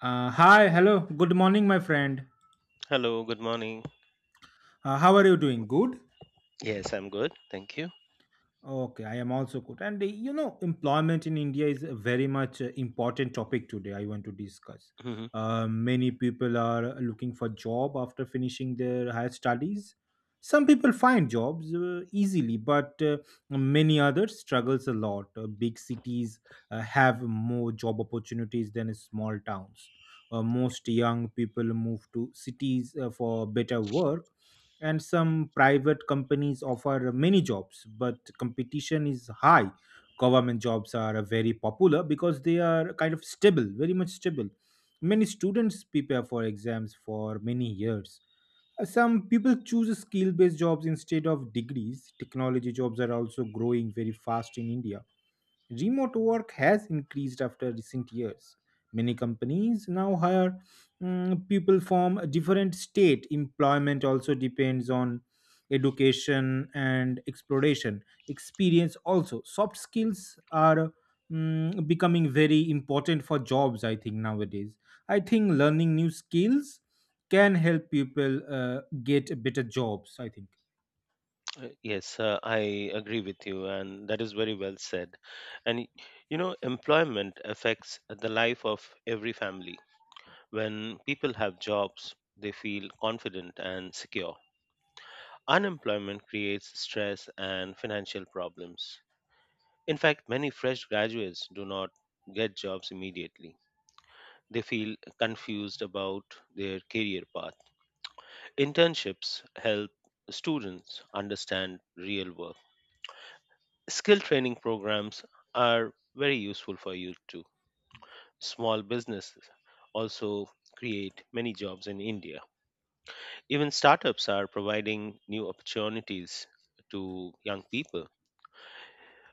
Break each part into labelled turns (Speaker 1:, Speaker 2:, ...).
Speaker 1: Hi, hello, good morning, my friend.
Speaker 2: Hello, good morning.
Speaker 1: How are you doing? Good?
Speaker 2: Yes, I'm good. Thank you.
Speaker 1: Okay, I am also good. And employment in India is a very much important topic today. I want to discuss.
Speaker 2: Hmm.
Speaker 1: Many people are looking for job after finishing their higher studies. Some people find jobs easily, but many others struggles a lot. Big cities have more job opportunities than small towns. Most young people move to cities for better work, and some private companies offer many jobs, but competition is high. Government jobs are very popular because they are kind of stable, very much stable. Many students prepare for exams for many years. Some people choose skill based jobs instead of degrees. Technology jobs are also growing very fast in india. Remote work has increased after recent years. Many companies now hire people from a different state. Employment also depends on education and exploration. Experience also. Soft skills are becoming very important for jobs, I think, nowadays. I think learning new skills can help people get better jobs, I think.
Speaker 2: Yes, I agree with you, and that is very well said. And y- you know, employment affects the life of every family. When people have jobs, they feel confident and secure. Unemployment creates stress and financial problems. In fact, many fresh graduates do not get jobs immediately. They feel confused about their career path. Internships help students understand real work. Skill training programs are very useful for you too. Small businesses also create many jobs in India. Even startups are providing new opportunities to young people.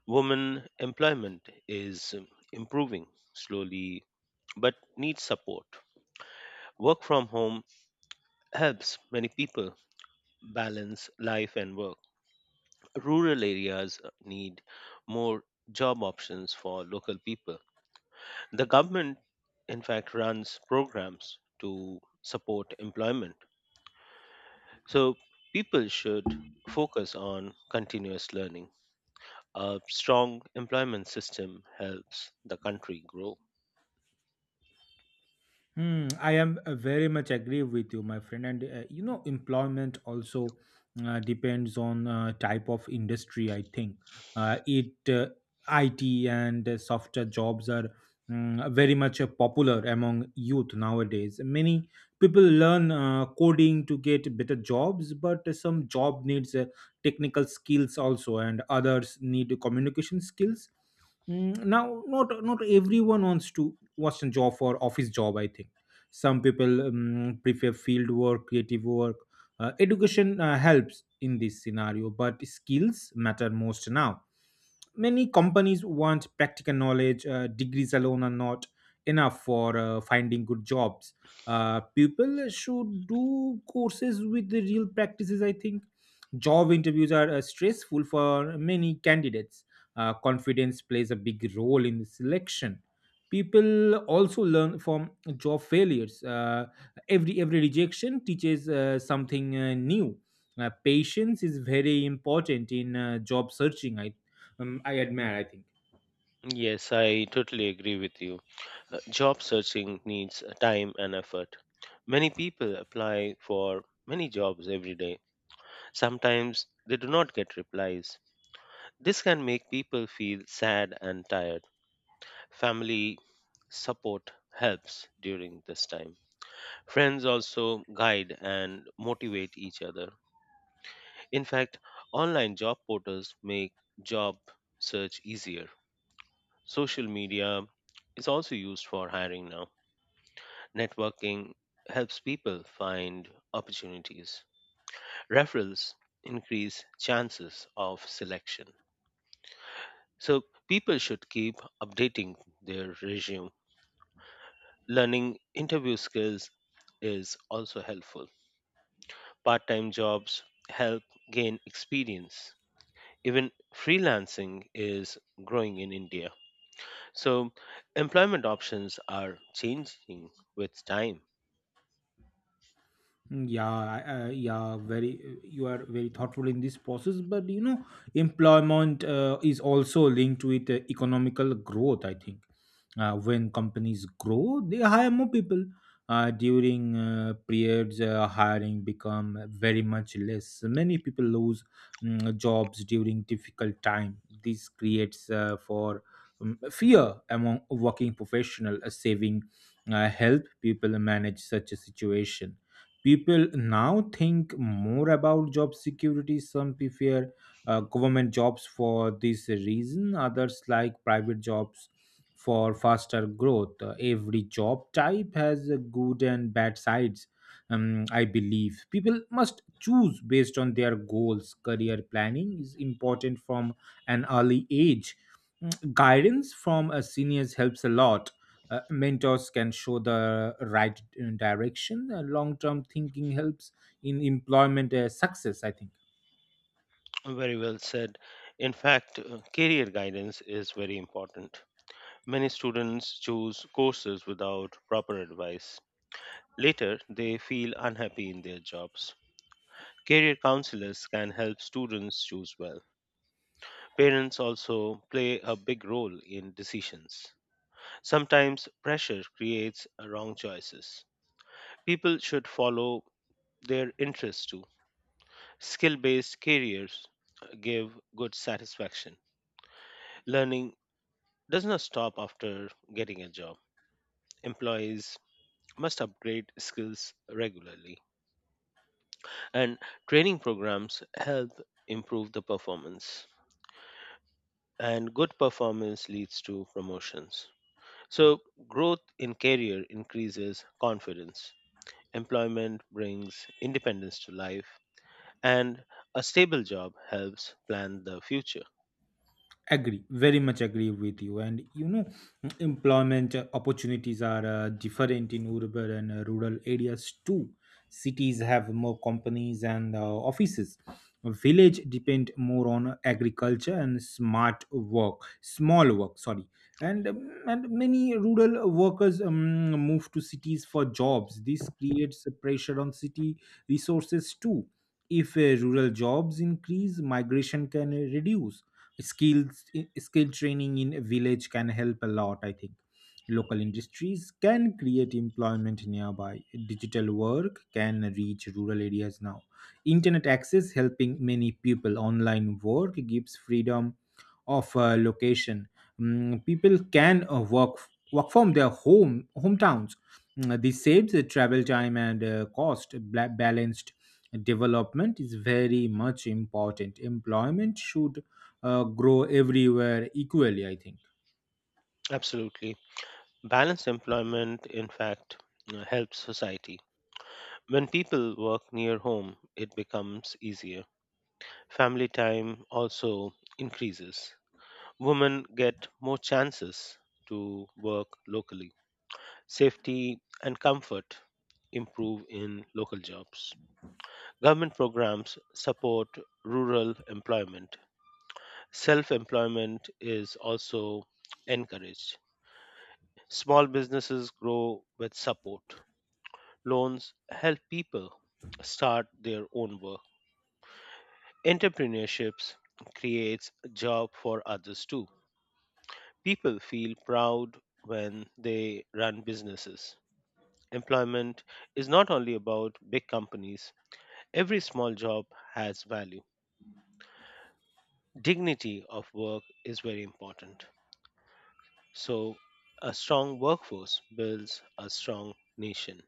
Speaker 2: Women employment is improving slowly but needs support. Work from home helps many people balance life and work. Rural areas need more job options for local people. The government, in fact, runs programs to support employment. So people should focus on continuous learning. A strong employment system helps the country grow.
Speaker 1: I am very much agree with you, my friend. And employment also depends on type of industry. I think uh, it uh, IT and software jobs are very much popular among youth nowadays. Many people learn coding to get better jobs, but some job needs technical skills also, and others need communication skills. Now, not everyone wants a job for office job. I think some people prefer field work, creative work. Education helps in this scenario, but skills matter most now. Many companies want practical knowledge. Degrees alone are not enough for finding good jobs. People should do courses with the real practices, I think. Job interviews are stressful for many candidates. Confidence plays a big role in the selection. People also learn from job failures. Every rejection teaches something new. Patience is very important in job searching. I admire. I think.
Speaker 2: Yes, I totally agree with you. Job searching needs time and effort. Many people apply for many jobs every day. Sometimes they do not get replies. This can make people feel sad and tired. Family support helps during this time. Friends also guide and motivate each other. In fact, online job portals make job search easier. Social media is also used for hiring now. Networking helps people find opportunities. Referrals increase chances of selection. So people should keep updating their resume. Learning interview skills is also helpful. Part time jobs help gain experience. Even freelancing is growing in India. So, employment options are changing with time.
Speaker 1: Yeah, very. You are very thoughtful in this process, but you know, employment is also linked with economical growth. I think when companies grow, they hire more people. During periods, hiring become very much less. Many people lose jobs during difficult time. This creates for fear among working professional. Saving help people manage such a situation. People now think more about job security. Some prefer government jobs for this reason, others like private jobs for faster growth. Every job type has a good and bad sides. I believe people must choose based on their goals. Career planning is important from an early age. Guidance from a seniors helps a lot. Mentors can show the right direction. Long-term thinking helps in employment success, I think.
Speaker 2: Very well said. In fact, career guidance is very important. Many students choose courses without proper advice. Later, they feel unhappy in their jobs. Career counselors can help students choose well. Parents also play a big role in decisions. Sometimes pressure creates wrong choices. People should follow their interests too. Skill based careers give good satisfaction. Learning does not stop after getting a job. Employees must upgrade skills regularly, and training programs help improve the performance. And good performance leads to promotions. So, growth in career increases confidence. Employment brings independence to life, and a stable job helps plan the future.
Speaker 1: Agree, very much agree with you. And you know, employment opportunities are different in urban and rural areas too. Cities have more companies and offices. Village depend more on agriculture and smart work, small work, sorry. And many rural workers move to cities for jobs. This creates pressure on city resources too. If rural jobs increase, migration can reduce. Skill training in a village can help a lot, I think. Local industries can create employment nearby. Digital work can reach rural areas now. Internet access helping many people. Online work gives freedom of location. People can work from their home hometowns. This saves the travel time and cost. Balanced development is very much important. Employment should grow everywhere equally, I think.
Speaker 2: Absolutely. Balanced employment, in fact, helps society. When people work near home, it becomes easier. Family time also increases. Women get more chances to work locally. Safety and comfort improve in local jobs. Government programs support rural employment. Self employment is also encouraged. Small businesses grow with support. Loans help people start their own work. Entrepreneurships creates job for others too. People feel proud when they run businesses. Employment is not only about big companies. Every small job has value. Dignity of work is very important. So, a strong workforce builds a strong nation.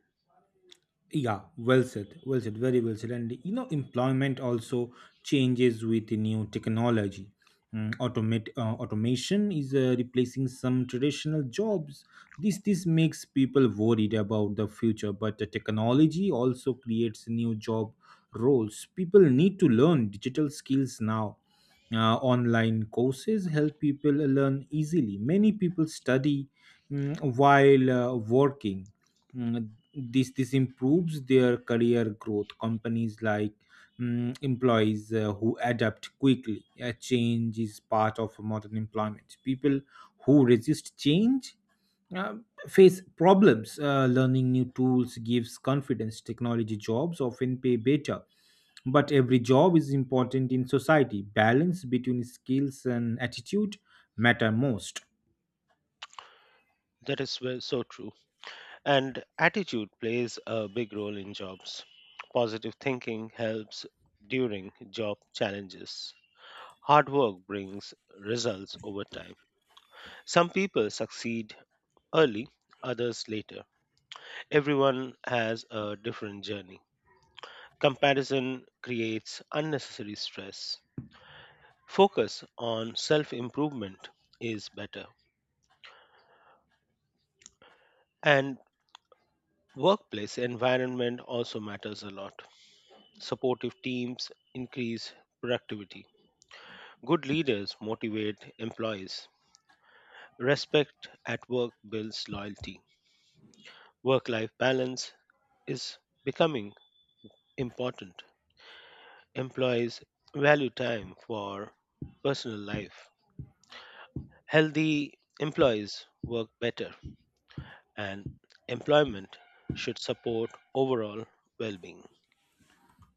Speaker 1: Yeah, well said, very well said. And you know, employment also changes with the new technology. Mm, automate Automation is replacing some traditional jobs. This makes people worried about the future. But the technology also creates new job roles. People need to learn digital skills now. Online courses help people learn easily. Many people study while working. This improves their career growth. Companies like employees who adapt quickly. Change is part of modern employment. People who resist change uh, face problems. Learning new tools gives confidence. Technology jobs often pay better, but every job is important in society. Balance between skills and attitude matter most.
Speaker 2: So true. And attitude plays a big role in jobs. Positive thinking helps during job challenges. Hard work brings results over time. Some people succeed early, others later. Everyone has a different journey. Comparison creates unnecessary stress. Focus on self improvement is better. And workplace environment also matters a lot. Supportive teams increase productivity. Good leaders motivate employees. Respect at work builds loyalty. Work life balance is becoming important. Employees value time for personal life. Healthy employees work better, and employment should support overall well being.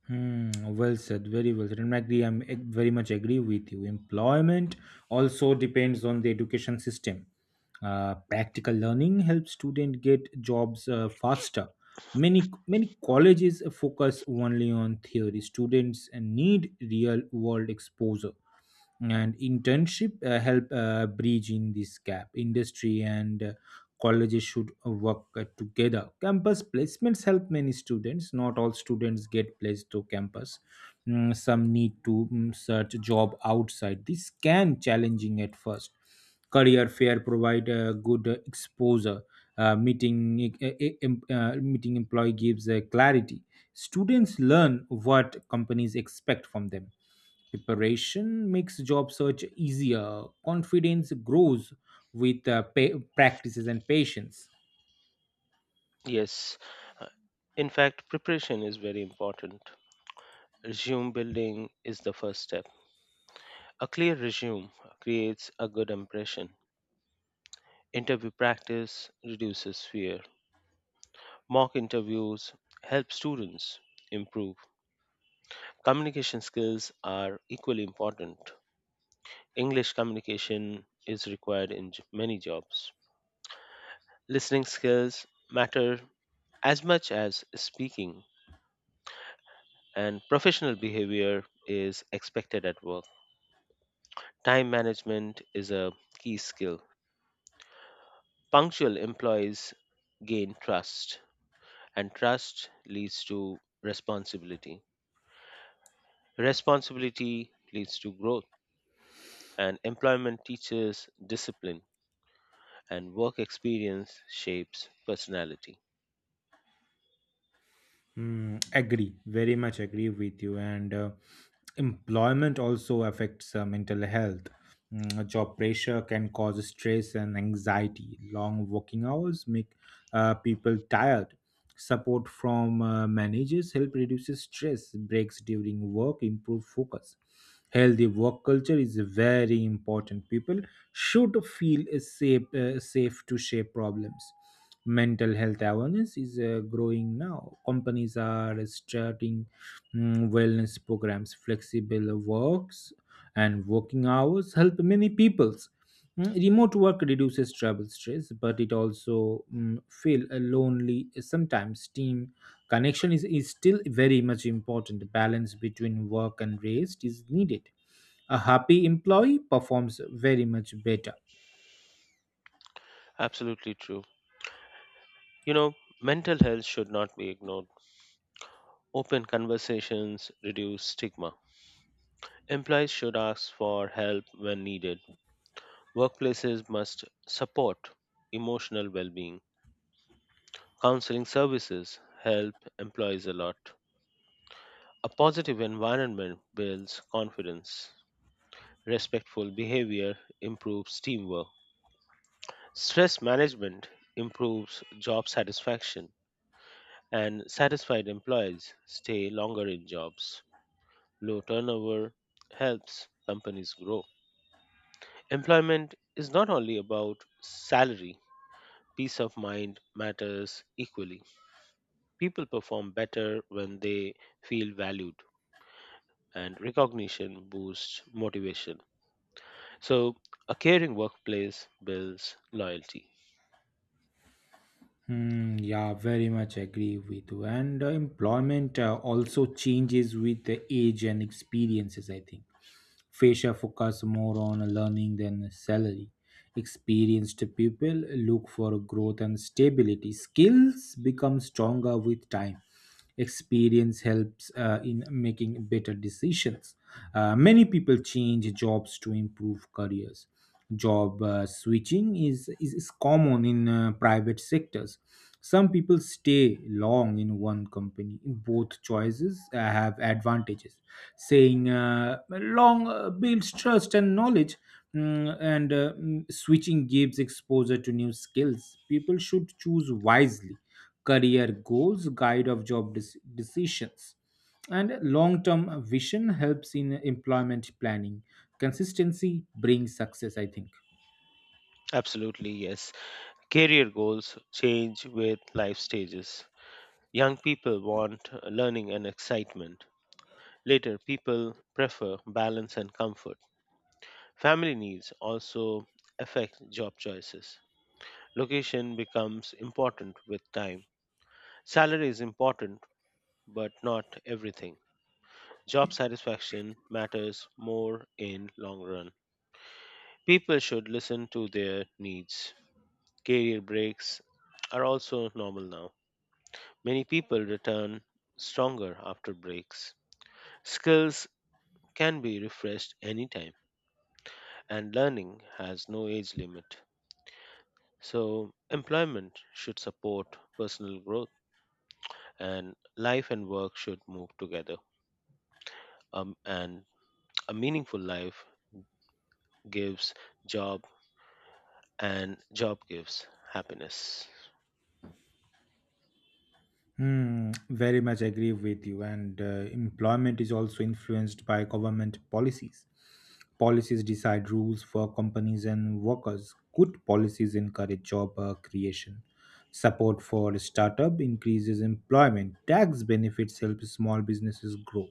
Speaker 1: Well said, very well said. And I agree, very much agree with you. Employment also depends on the education system. Practical learning helps students get jobs faster. Many colleges focus only on theory. Students need real world exposure, and internship help bridge in this gap. Industry and colleges should work together. Campus placements help many students. Not all students get placed to campus. Some need to search job outside. This can challenging at first. Career fair provide a good exposure. Meeting e- e- e, em- Meeting employee gives clarity. Students learn what companies expect from them. Preparation makes job search easier. Confidence grows with practices and patience.
Speaker 2: Yes, uh, in fact, preparation is very important. Resume building is the first step. A clear resume creates a good impression. Interview practice reduces fear. Mock interviews help students improve. Communication skills are equally important. English communication is required in many jobs. Listening skills matter as much as speaking, and professional behavior is expected at work. Time management is a key skill. Punctual employees gain trust, and trust leads to responsibility. Responsibility leads to growth, and employment teaches discipline, and work experience shapes personality.
Speaker 1: Agree, very much agree with you. And employment also affects mental health. Job pressure can cause stress and anxiety. Long working hours make people tired. Support from managers help reduces stress, breaks during work, improve focus. Healthy work culture is very important. People should feel safe to share problems. Mental health awareness is growing now. Companies are starting wellness programs, flexible works, and working hours help many people. Remote work reduces travel stress, but it also feel lonely sometimes. Team connection is still very much important. Balance between work and rest is needed. A happy employee performs very much better.
Speaker 2: Absolutely true. You know, mental health should not be ignored. Open conversations reduce stigma. Employees should ask for help when needed. Workplaces must support emotional well being. Counseling services help employees a lot. A positive environment builds confidence. Respectful behavior improves teamwork. Stress management improves job satisfaction, and satisfied employees stay longer in jobs. Low turnover helps companies grow. Employment is not only about salary, peace of mind matters equally. People perform better when they feel valued, and recognition boosts motivation. So, a caring workplace builds loyalty.
Speaker 1: Yeah, very much agree with you. And employment also changes with the age and experiences, I think. Fresher focus more on learning than salary. Experienced people look for growth and stability. Skills become stronger with time. Experience helps in making better decisions. Many people change jobs to improve careers. Job switching is common in private sectors. Some people stay long in one company. Both choices have advantages. Saying long builds trust and knowledge, switching gives exposure to new skills. People should choose wisely. Career goals, guide of decisions. And long term vision helps in employment planning. Consistency brings success, I think.
Speaker 2: Absolutely, yes. Career goals change with life stages. Young people want learning and excitement. Later, people prefer balance and comfort. Family needs also affect job choices. Location becomes important with time. Salary is important, but not everything. Job satisfaction matters more in long run. People should listen to their needs. Career breaks are also normal now. Many people return stronger after breaks. Skills can be refreshed anytime, and learning has no age limit. So, employment should support personal growth, and life and work should move together. And a meaningful life gives job, and job gives happiness.
Speaker 1: Very much agree with you. And employment is also influenced by government policies. Policies decide rules for companies and workers. Good policies encourage job creation. Support for startup increases employment. Tax benefits help small businesses grow.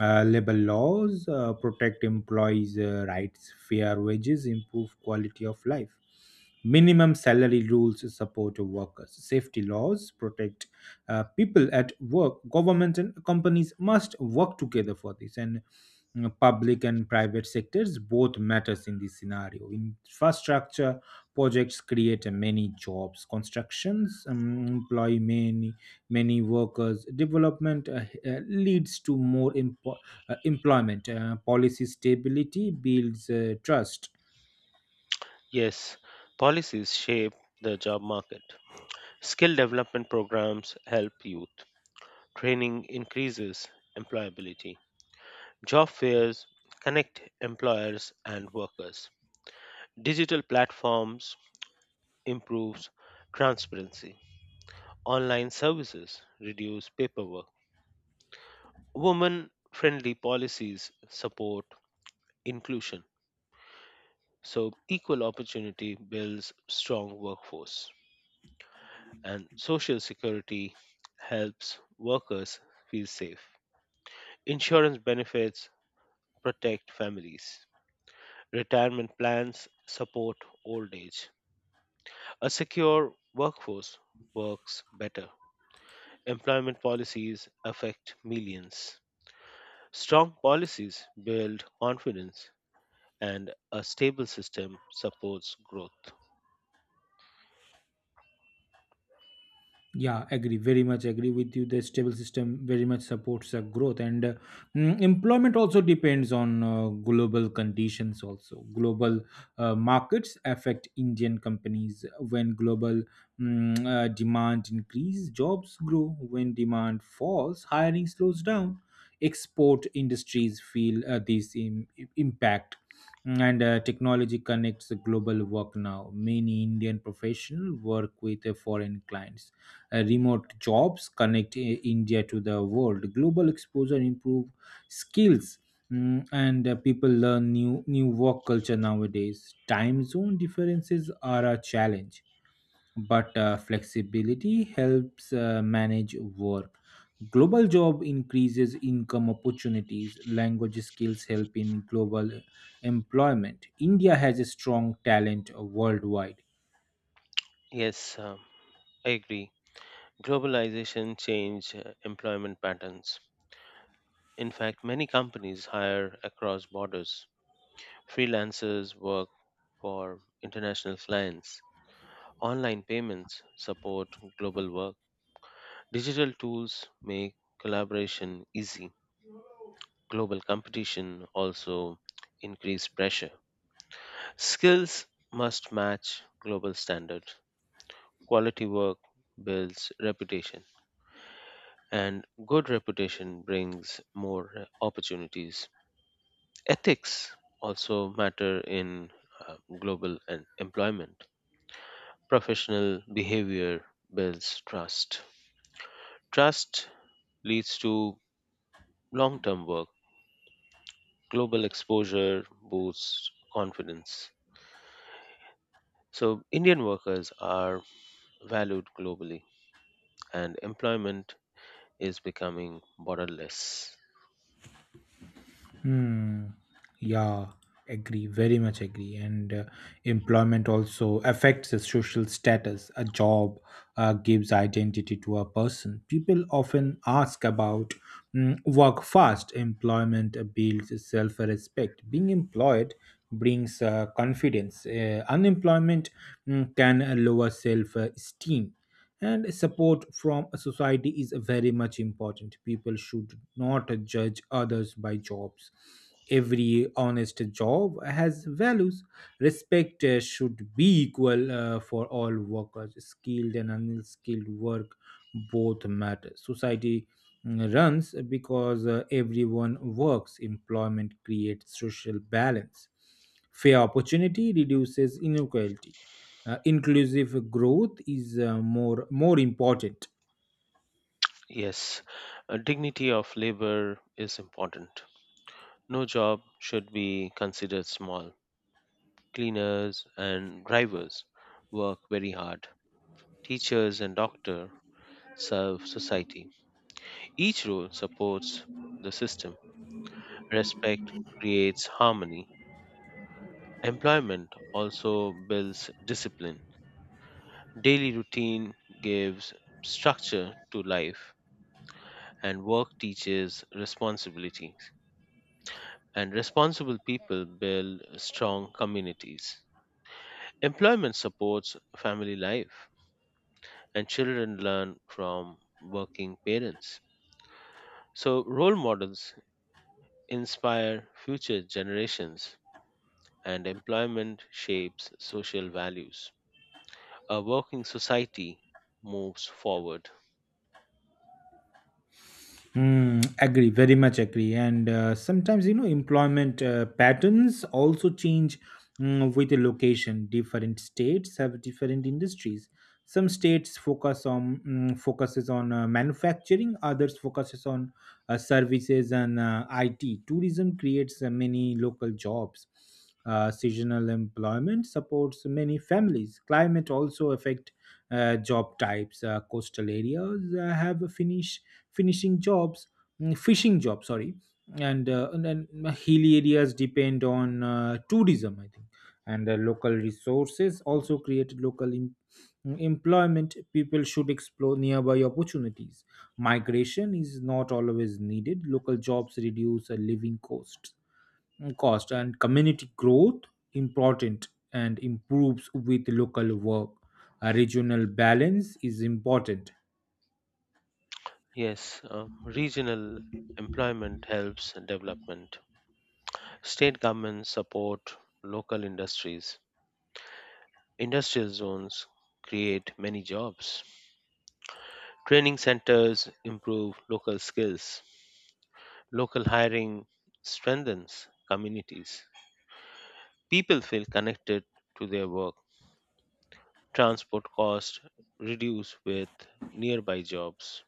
Speaker 1: Labor laws protect employees' rights. Fair wages improve quality of life. Minimum salary rules support workers. Safety laws protect people at work. Governments and companies must work together for this, and public and private sectors both matters in this scenario. Infrastructure projects create many jobs. Constructions employ many workers. Development leads to more employment. Policy stability builds trust.
Speaker 2: Yes, policies shape the job market. Skill development programs help youth. Training increases employability. Job fairs connect employers and workers. Digital platforms improves transparency. Online services reduce paperwork. Women friendly policies support inclusion. So equal opportunity builds strong workforce and social security helps workers feel safe. Insurance benefits protect families. Retirement plans support old age. A secure workforce works better. Employment policies affect millions. Strong policies build confidence, and a stable system supports growth.
Speaker 1: Yeah, agree, very much agree with you. The stable system very much supports growth, and employment also depends on global conditions. Also, global markets affect Indian companies. When global demand increase, jobs grow. When demand falls, hiring slows down. Export industries feel this impact. And technology connects the global work now. Many Indian professionals work with foreign clients. Remote jobs connect India to the world. Global exposure improve skills, and people learn new work culture nowadays. Time zone differences are a challenge, but flexibility helps manage work. Global job increases income opportunities. Language skills help in global employment. India has a strong talent worldwide.
Speaker 2: Yes, um, I agree. Globalization change employment patterns. In fact, many companies hire across borders. Freelancers work for international clients. Online payments support global work. Digital tools make collaboration easy. Global competition also increase pressure. Skills must match global standards. Quality work builds reputation and good reputation brings more opportunities. Ethics also matter in global and employment. Professional behavior builds trust. Trust leads to long term work. Global exposure boosts confidence. So, Indian workers are valued globally, and employment is becoming borderless.
Speaker 1: Hmm. Yeah, agree, very much agree. And employment also affects the social status. A job gives identity to a person. People often ask about work fast. Employment builds self respect. Being employed brings confidence. Unemployment can lower self esteem, and support from a society is very much important. People should not judge others by jobs. Every honest job has values. Respect should be equal for all workers. Skilled and unskilled work both matter. Society runs because everyone works. Employment creates social balance. Fair opportunity reduces inequality. Inclusive growth is more important.
Speaker 2: Yes, dignity of labor is important. No job should be considered small. Cleaners and drivers work very hard. Teachers and doctors serve society. Each role supports the system. Respect creates harmony. Employment also builds discipline. Daily routine gives structure to life, and work teaches responsibilities. And responsible people build strong communities. Employment supports family life, and children learn from working parents. So, role models inspire future generations, and employment shapes social values. A working society moves forward.
Speaker 1: Agree, very much agree. And sometimes, you know, employment patterns also change with the location. Different states have different industries. Some states focus on manufacturing, others focuses on services and IT. Tourism creates many local jobs. Seasonal employment supports many families. Climate also affects job types. Coastal areas have a finishing jobs, fishing jobs, sorry, and then hilly areas depend on tourism, I think, and local resources also create employment. People should explore nearby opportunities. Migration is not always needed. Local jobs reduce living cost and community growth important and improves with local work. A regional balance is important.
Speaker 2: Yes, regional employment helps development. State governments support local industries. Industrial zones create many jobs. Training centers improve local skills. Local hiring strengthens communities. People feel connected to their work. Transport costs reduce with nearby jobs.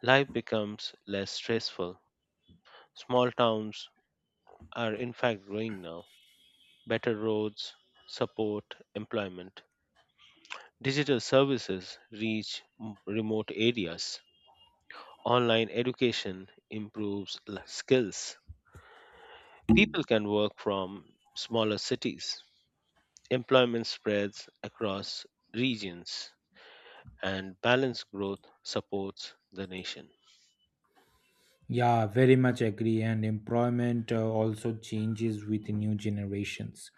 Speaker 2: Life becomes less stressful. Small towns are in fact growing now. Better roads, support employment. Digital services reach remote areas. Online education improves skills. People can work from smaller cities. Employment spreads across regions, and balanced growth supports the nation.
Speaker 1: Yeah, very much agree. And employment also changes with new generations.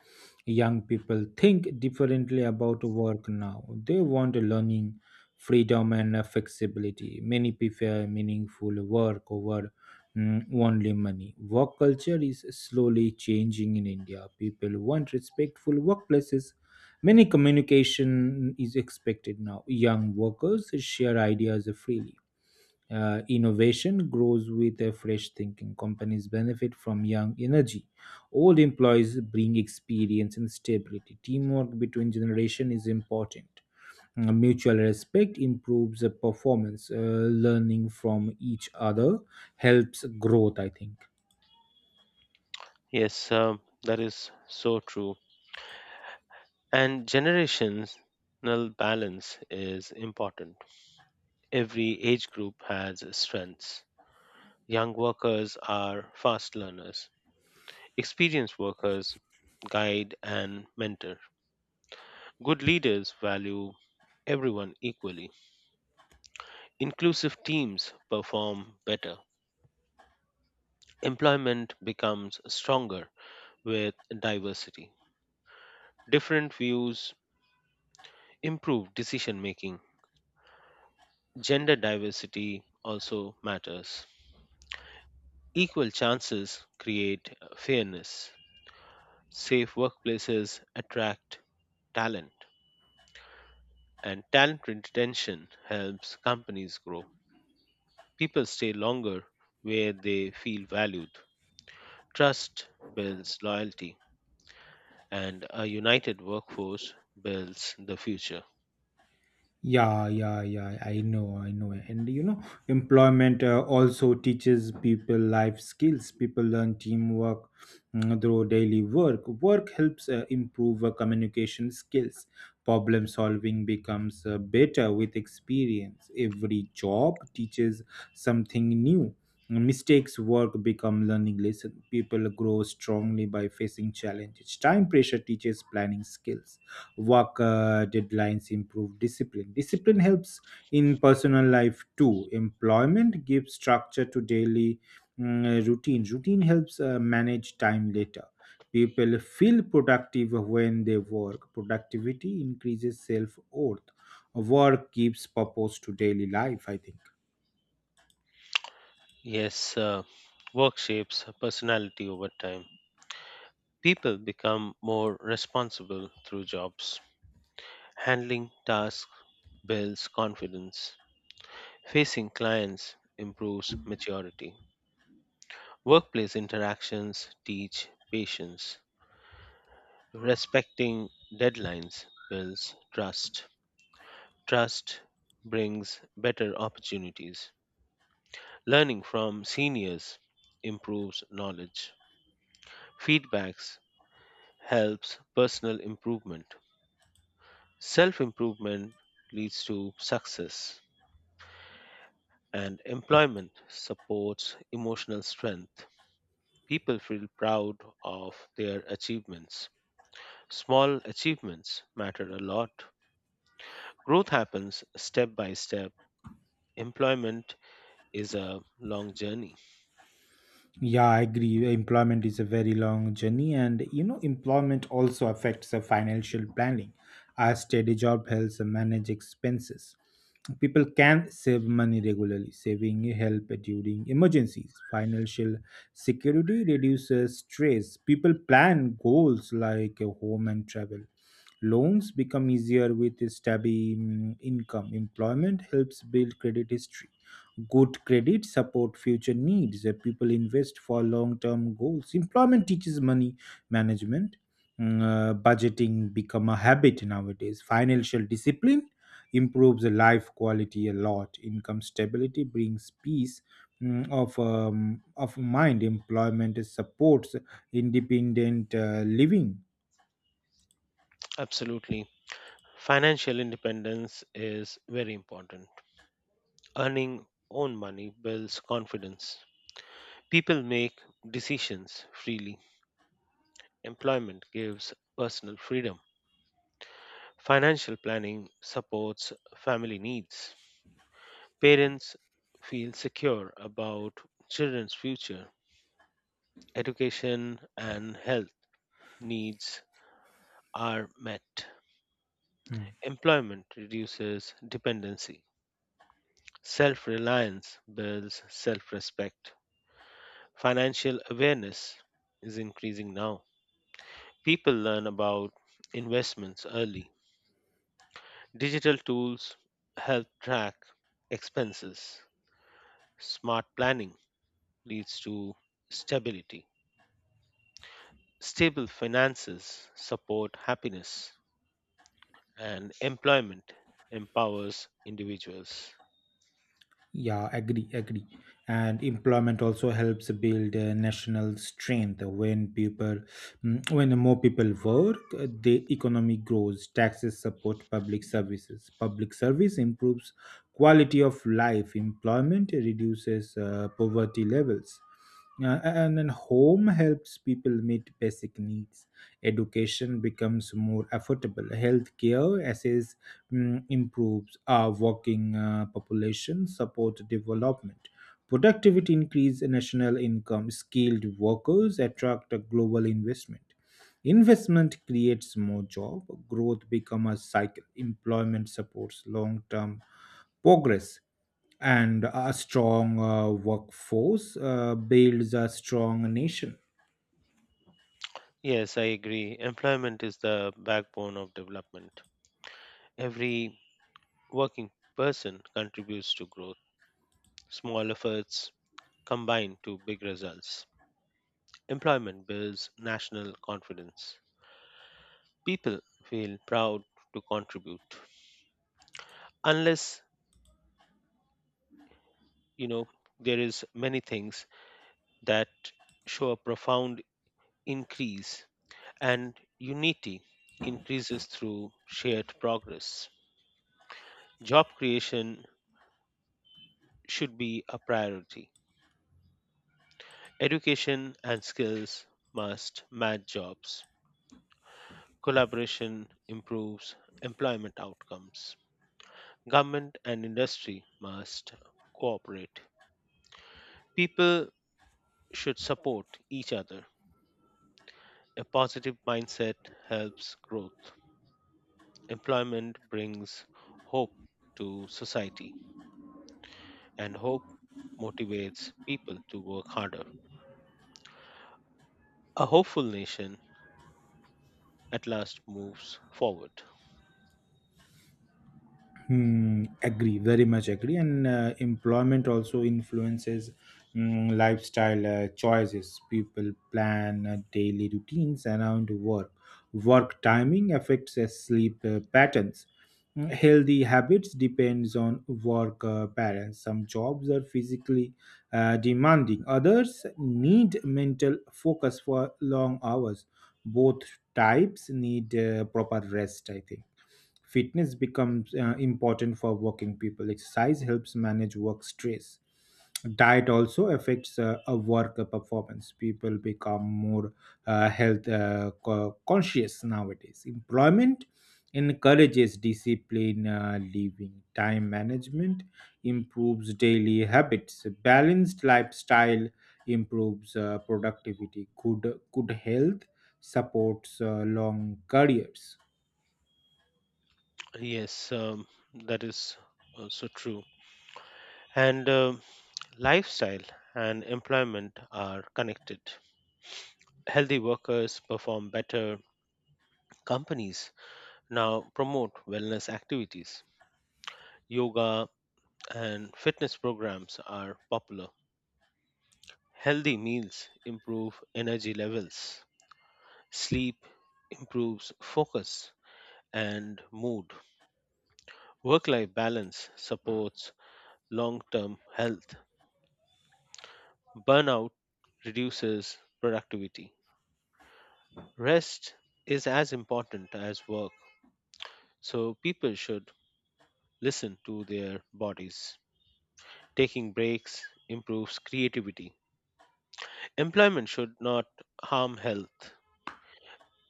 Speaker 1: Young people think differently about work now. They want learning, freedom, and flexibility. Many prefer meaningful work over only money. Work culture is slowly changing in India. People want respectful workplaces. Many communication is expected now. Young workers share ideas freely, innovation grows with a fresh thinking. Companies benefit from young energy. Old employees bring experience and stability. Teamwork between generation is important. Mutual respect improves the performance. Learning from each other helps growth, I think.
Speaker 2: Yes, that is so true. And generational balance is important. Every age group has strengths. Young workers are fast learners. Experienced workers guide and mentor. Good leaders value everyone equally. Inclusive teams perform better. Employment becomes stronger with diversity. Different views improve decision making. Gender diversity also matters. Equal chances create fairness. Safe workplaces attract talent, and talent retention helps companies grow. People stay longer where they feel valued. Trust builds loyalty, and a united workforce builds the future.
Speaker 1: Yeah, yeah, yeah. I know, I know. And you know, employment also teaches people life skills. People learn teamwork through daily work. Work helps improve communication skills. Problem solving becomes better with experience. Every job teaches something new. Mistakes work become learning lesson. People grow strongly by facing challenges. Time pressure teaches planning skills, work deadlines improve discipline. Discipline helps in personal life too. Employment gives structure to daily routine. Routine helps manage time later. People feel productive when they work. Productivity increases self-worth. Work gives purpose to daily life, I think.
Speaker 2: Yes, work shapes personality over time. People become more responsible through jobs. Handling tasks builds confidence. Facing clients improves maturity. Workplace interactions teach patience. Respecting deadlines builds trust. Trust brings better opportunities. Learning from seniors improves knowledge. Feedbacks helps personal improvement. Self improvement leads to success and employment supports emotional strength. People feel proud of their achievements. Small achievements matter a lot. Growth happens step by step. Employment is a long journey.
Speaker 1: Yeah, I agree. Employment is a very long journey, and you know, employment also affects the financial planning. A steady job helps manage expenses. People can save money regularly. Saving help during emergencies. Financial security reduces stress. People plan goals like a home and travel. Loans become easier with a steady income. Employment helps build credit history. Good credit support future needs. People invest for long-term goals. Employment teaches money management. Budgeting become a habit nowadays. Financial discipline improves the life quality a lot. Income stability brings peace of mind. Employment supports independent living.
Speaker 2: Absolutely. Financial independence is very important. Earning own money builds confidence. People make decisions freely. Employment gives personal freedom. Financial planning supports family needs. Parents feel secure about children's future. Education and health needs are met.
Speaker 1: Hmm.
Speaker 2: Employment reduces dependency. Self reliance builds self respect. Financial awareness is increasing now. People learn about investments early. Digital tools help track expenses. Smart planning leads to stability. Stable finances support happiness, and employment empowers individuals.
Speaker 1: Yeah, agree, agree. And employment also helps build national strength. When people, when more people work, the economy grows. Taxes support public services. Public service improves quality of life. Employment reduces poverty levels. And then home helps people meet basic needs. Education becomes more affordable. Healthcare assess improves our working population, support development, productivity increase national income, skilled workers attract a global investment. Investment creates more job, growth becomes a cycle, employment supports long-term progress, and a strong workforce builds a strong nation.
Speaker 2: Yes, I agree. Employment is the backbone of development. Every working person contributes to growth. Small efforts combine to big results. Employment builds national confidence. People feel proud to contribute. Unless, you know, there is many things that show a profound increase and unity increases through shared progress. Job creation should be a priority. Education and skills must match jobs collaboration improves employment outcomes. Government and industry must cooperate. People should support each other. A positive mindset helps growth. Employment brings hope to society, and hope motivates people to work harder. A hopeful nation at last moves forward.
Speaker 1: Hmm, agree, very much agree. And employment also influences lifestyle choices. People plan daily routines around work. Work timing affects sleep patterns. Healthy habits depends on work balance. Some jobs are physically demanding. Others need mental focus for long hours. Both types need proper rest, I think. Fitness becomes important for working people. Exercise helps manage work stress. Diet also affects a work performance. People become more health conscious nowadays. Employment encourages discipline living. Time management improves daily habits. Balanced lifestyle improves productivity. Good health supports long careers.
Speaker 2: Yes, that is also true. And Lifestyle and employment are connected. Healthy workers perform better. Companies now promote wellness activities. Yoga and fitness programs are popular. Healthy meals improve energy levels. Sleep improves focus and mood. Work life balance supports long term health. Burnout reduces productivity. Rest is as important as work. So people should listen to their bodies. Taking breaks improves creativity. Employment should not harm health.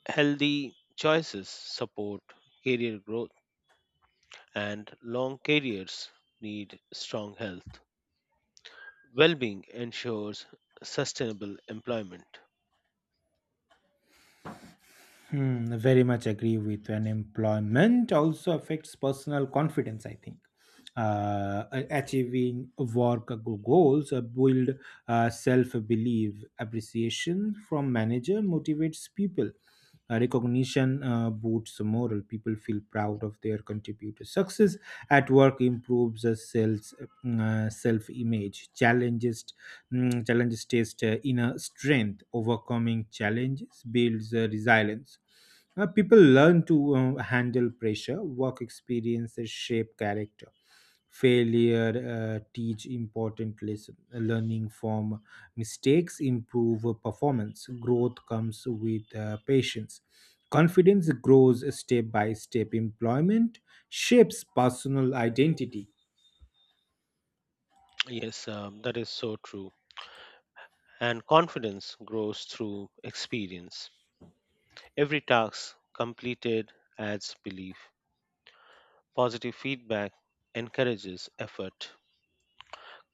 Speaker 2: Healthy choices support career growth, and long careers need strong health. Well being ensures sustainable employment.
Speaker 1: Hmm, very much agree with, and employment also affects personal confidence, I think. uh, Achieving goals build self-belief. Appreciation from manager motivates people. Recognition boosts morale. People feel proud of their contributor. Success at work improves self image. Challenges test inner strength. Overcoming challenges builds resilience. People learn to handle pressure. Work experiences shape character. Failure teach important lesson. Learning from mistakes improve performance. Growth comes with patience. Confidence grows step by step. Employment shapes personal identity.
Speaker 2: Yes, that is so true. And confidence grows through experience. Every task completed adds belief. Positive feedback encourages effort.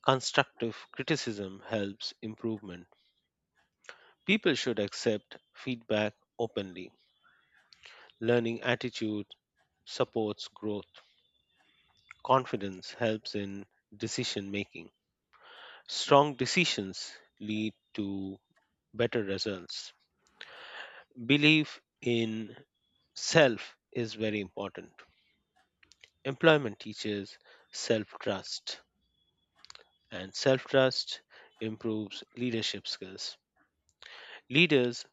Speaker 2: Constructive criticism helps improvement. People should accept feedback openly. Learning attitude supports growth. Confidence helps in decision making. Strong decisions lead to better results. Belief in self is very important. Employment teaches self trust, and self trust improves leadership skills. Leaders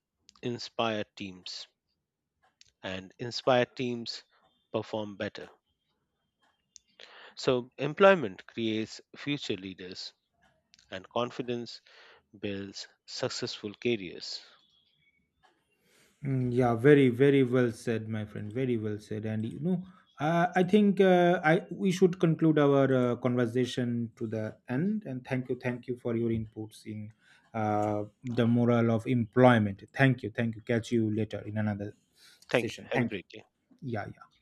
Speaker 2: inspire teams, and inspired teams perform better. So, employment creates future leaders, and confidence builds successful careers.
Speaker 1: Mm, yeah, very, very well said, my friend. Very well said. And you know, I think I we should conclude our conversation to the end. And thank you for your inputs in the moral of employment. Thank you, thank you. Catch you later in another
Speaker 2: Thank you.
Speaker 1: session.
Speaker 2: Have a
Speaker 1: Thank you.
Speaker 2: great day.
Speaker 1: Yeah, yeah.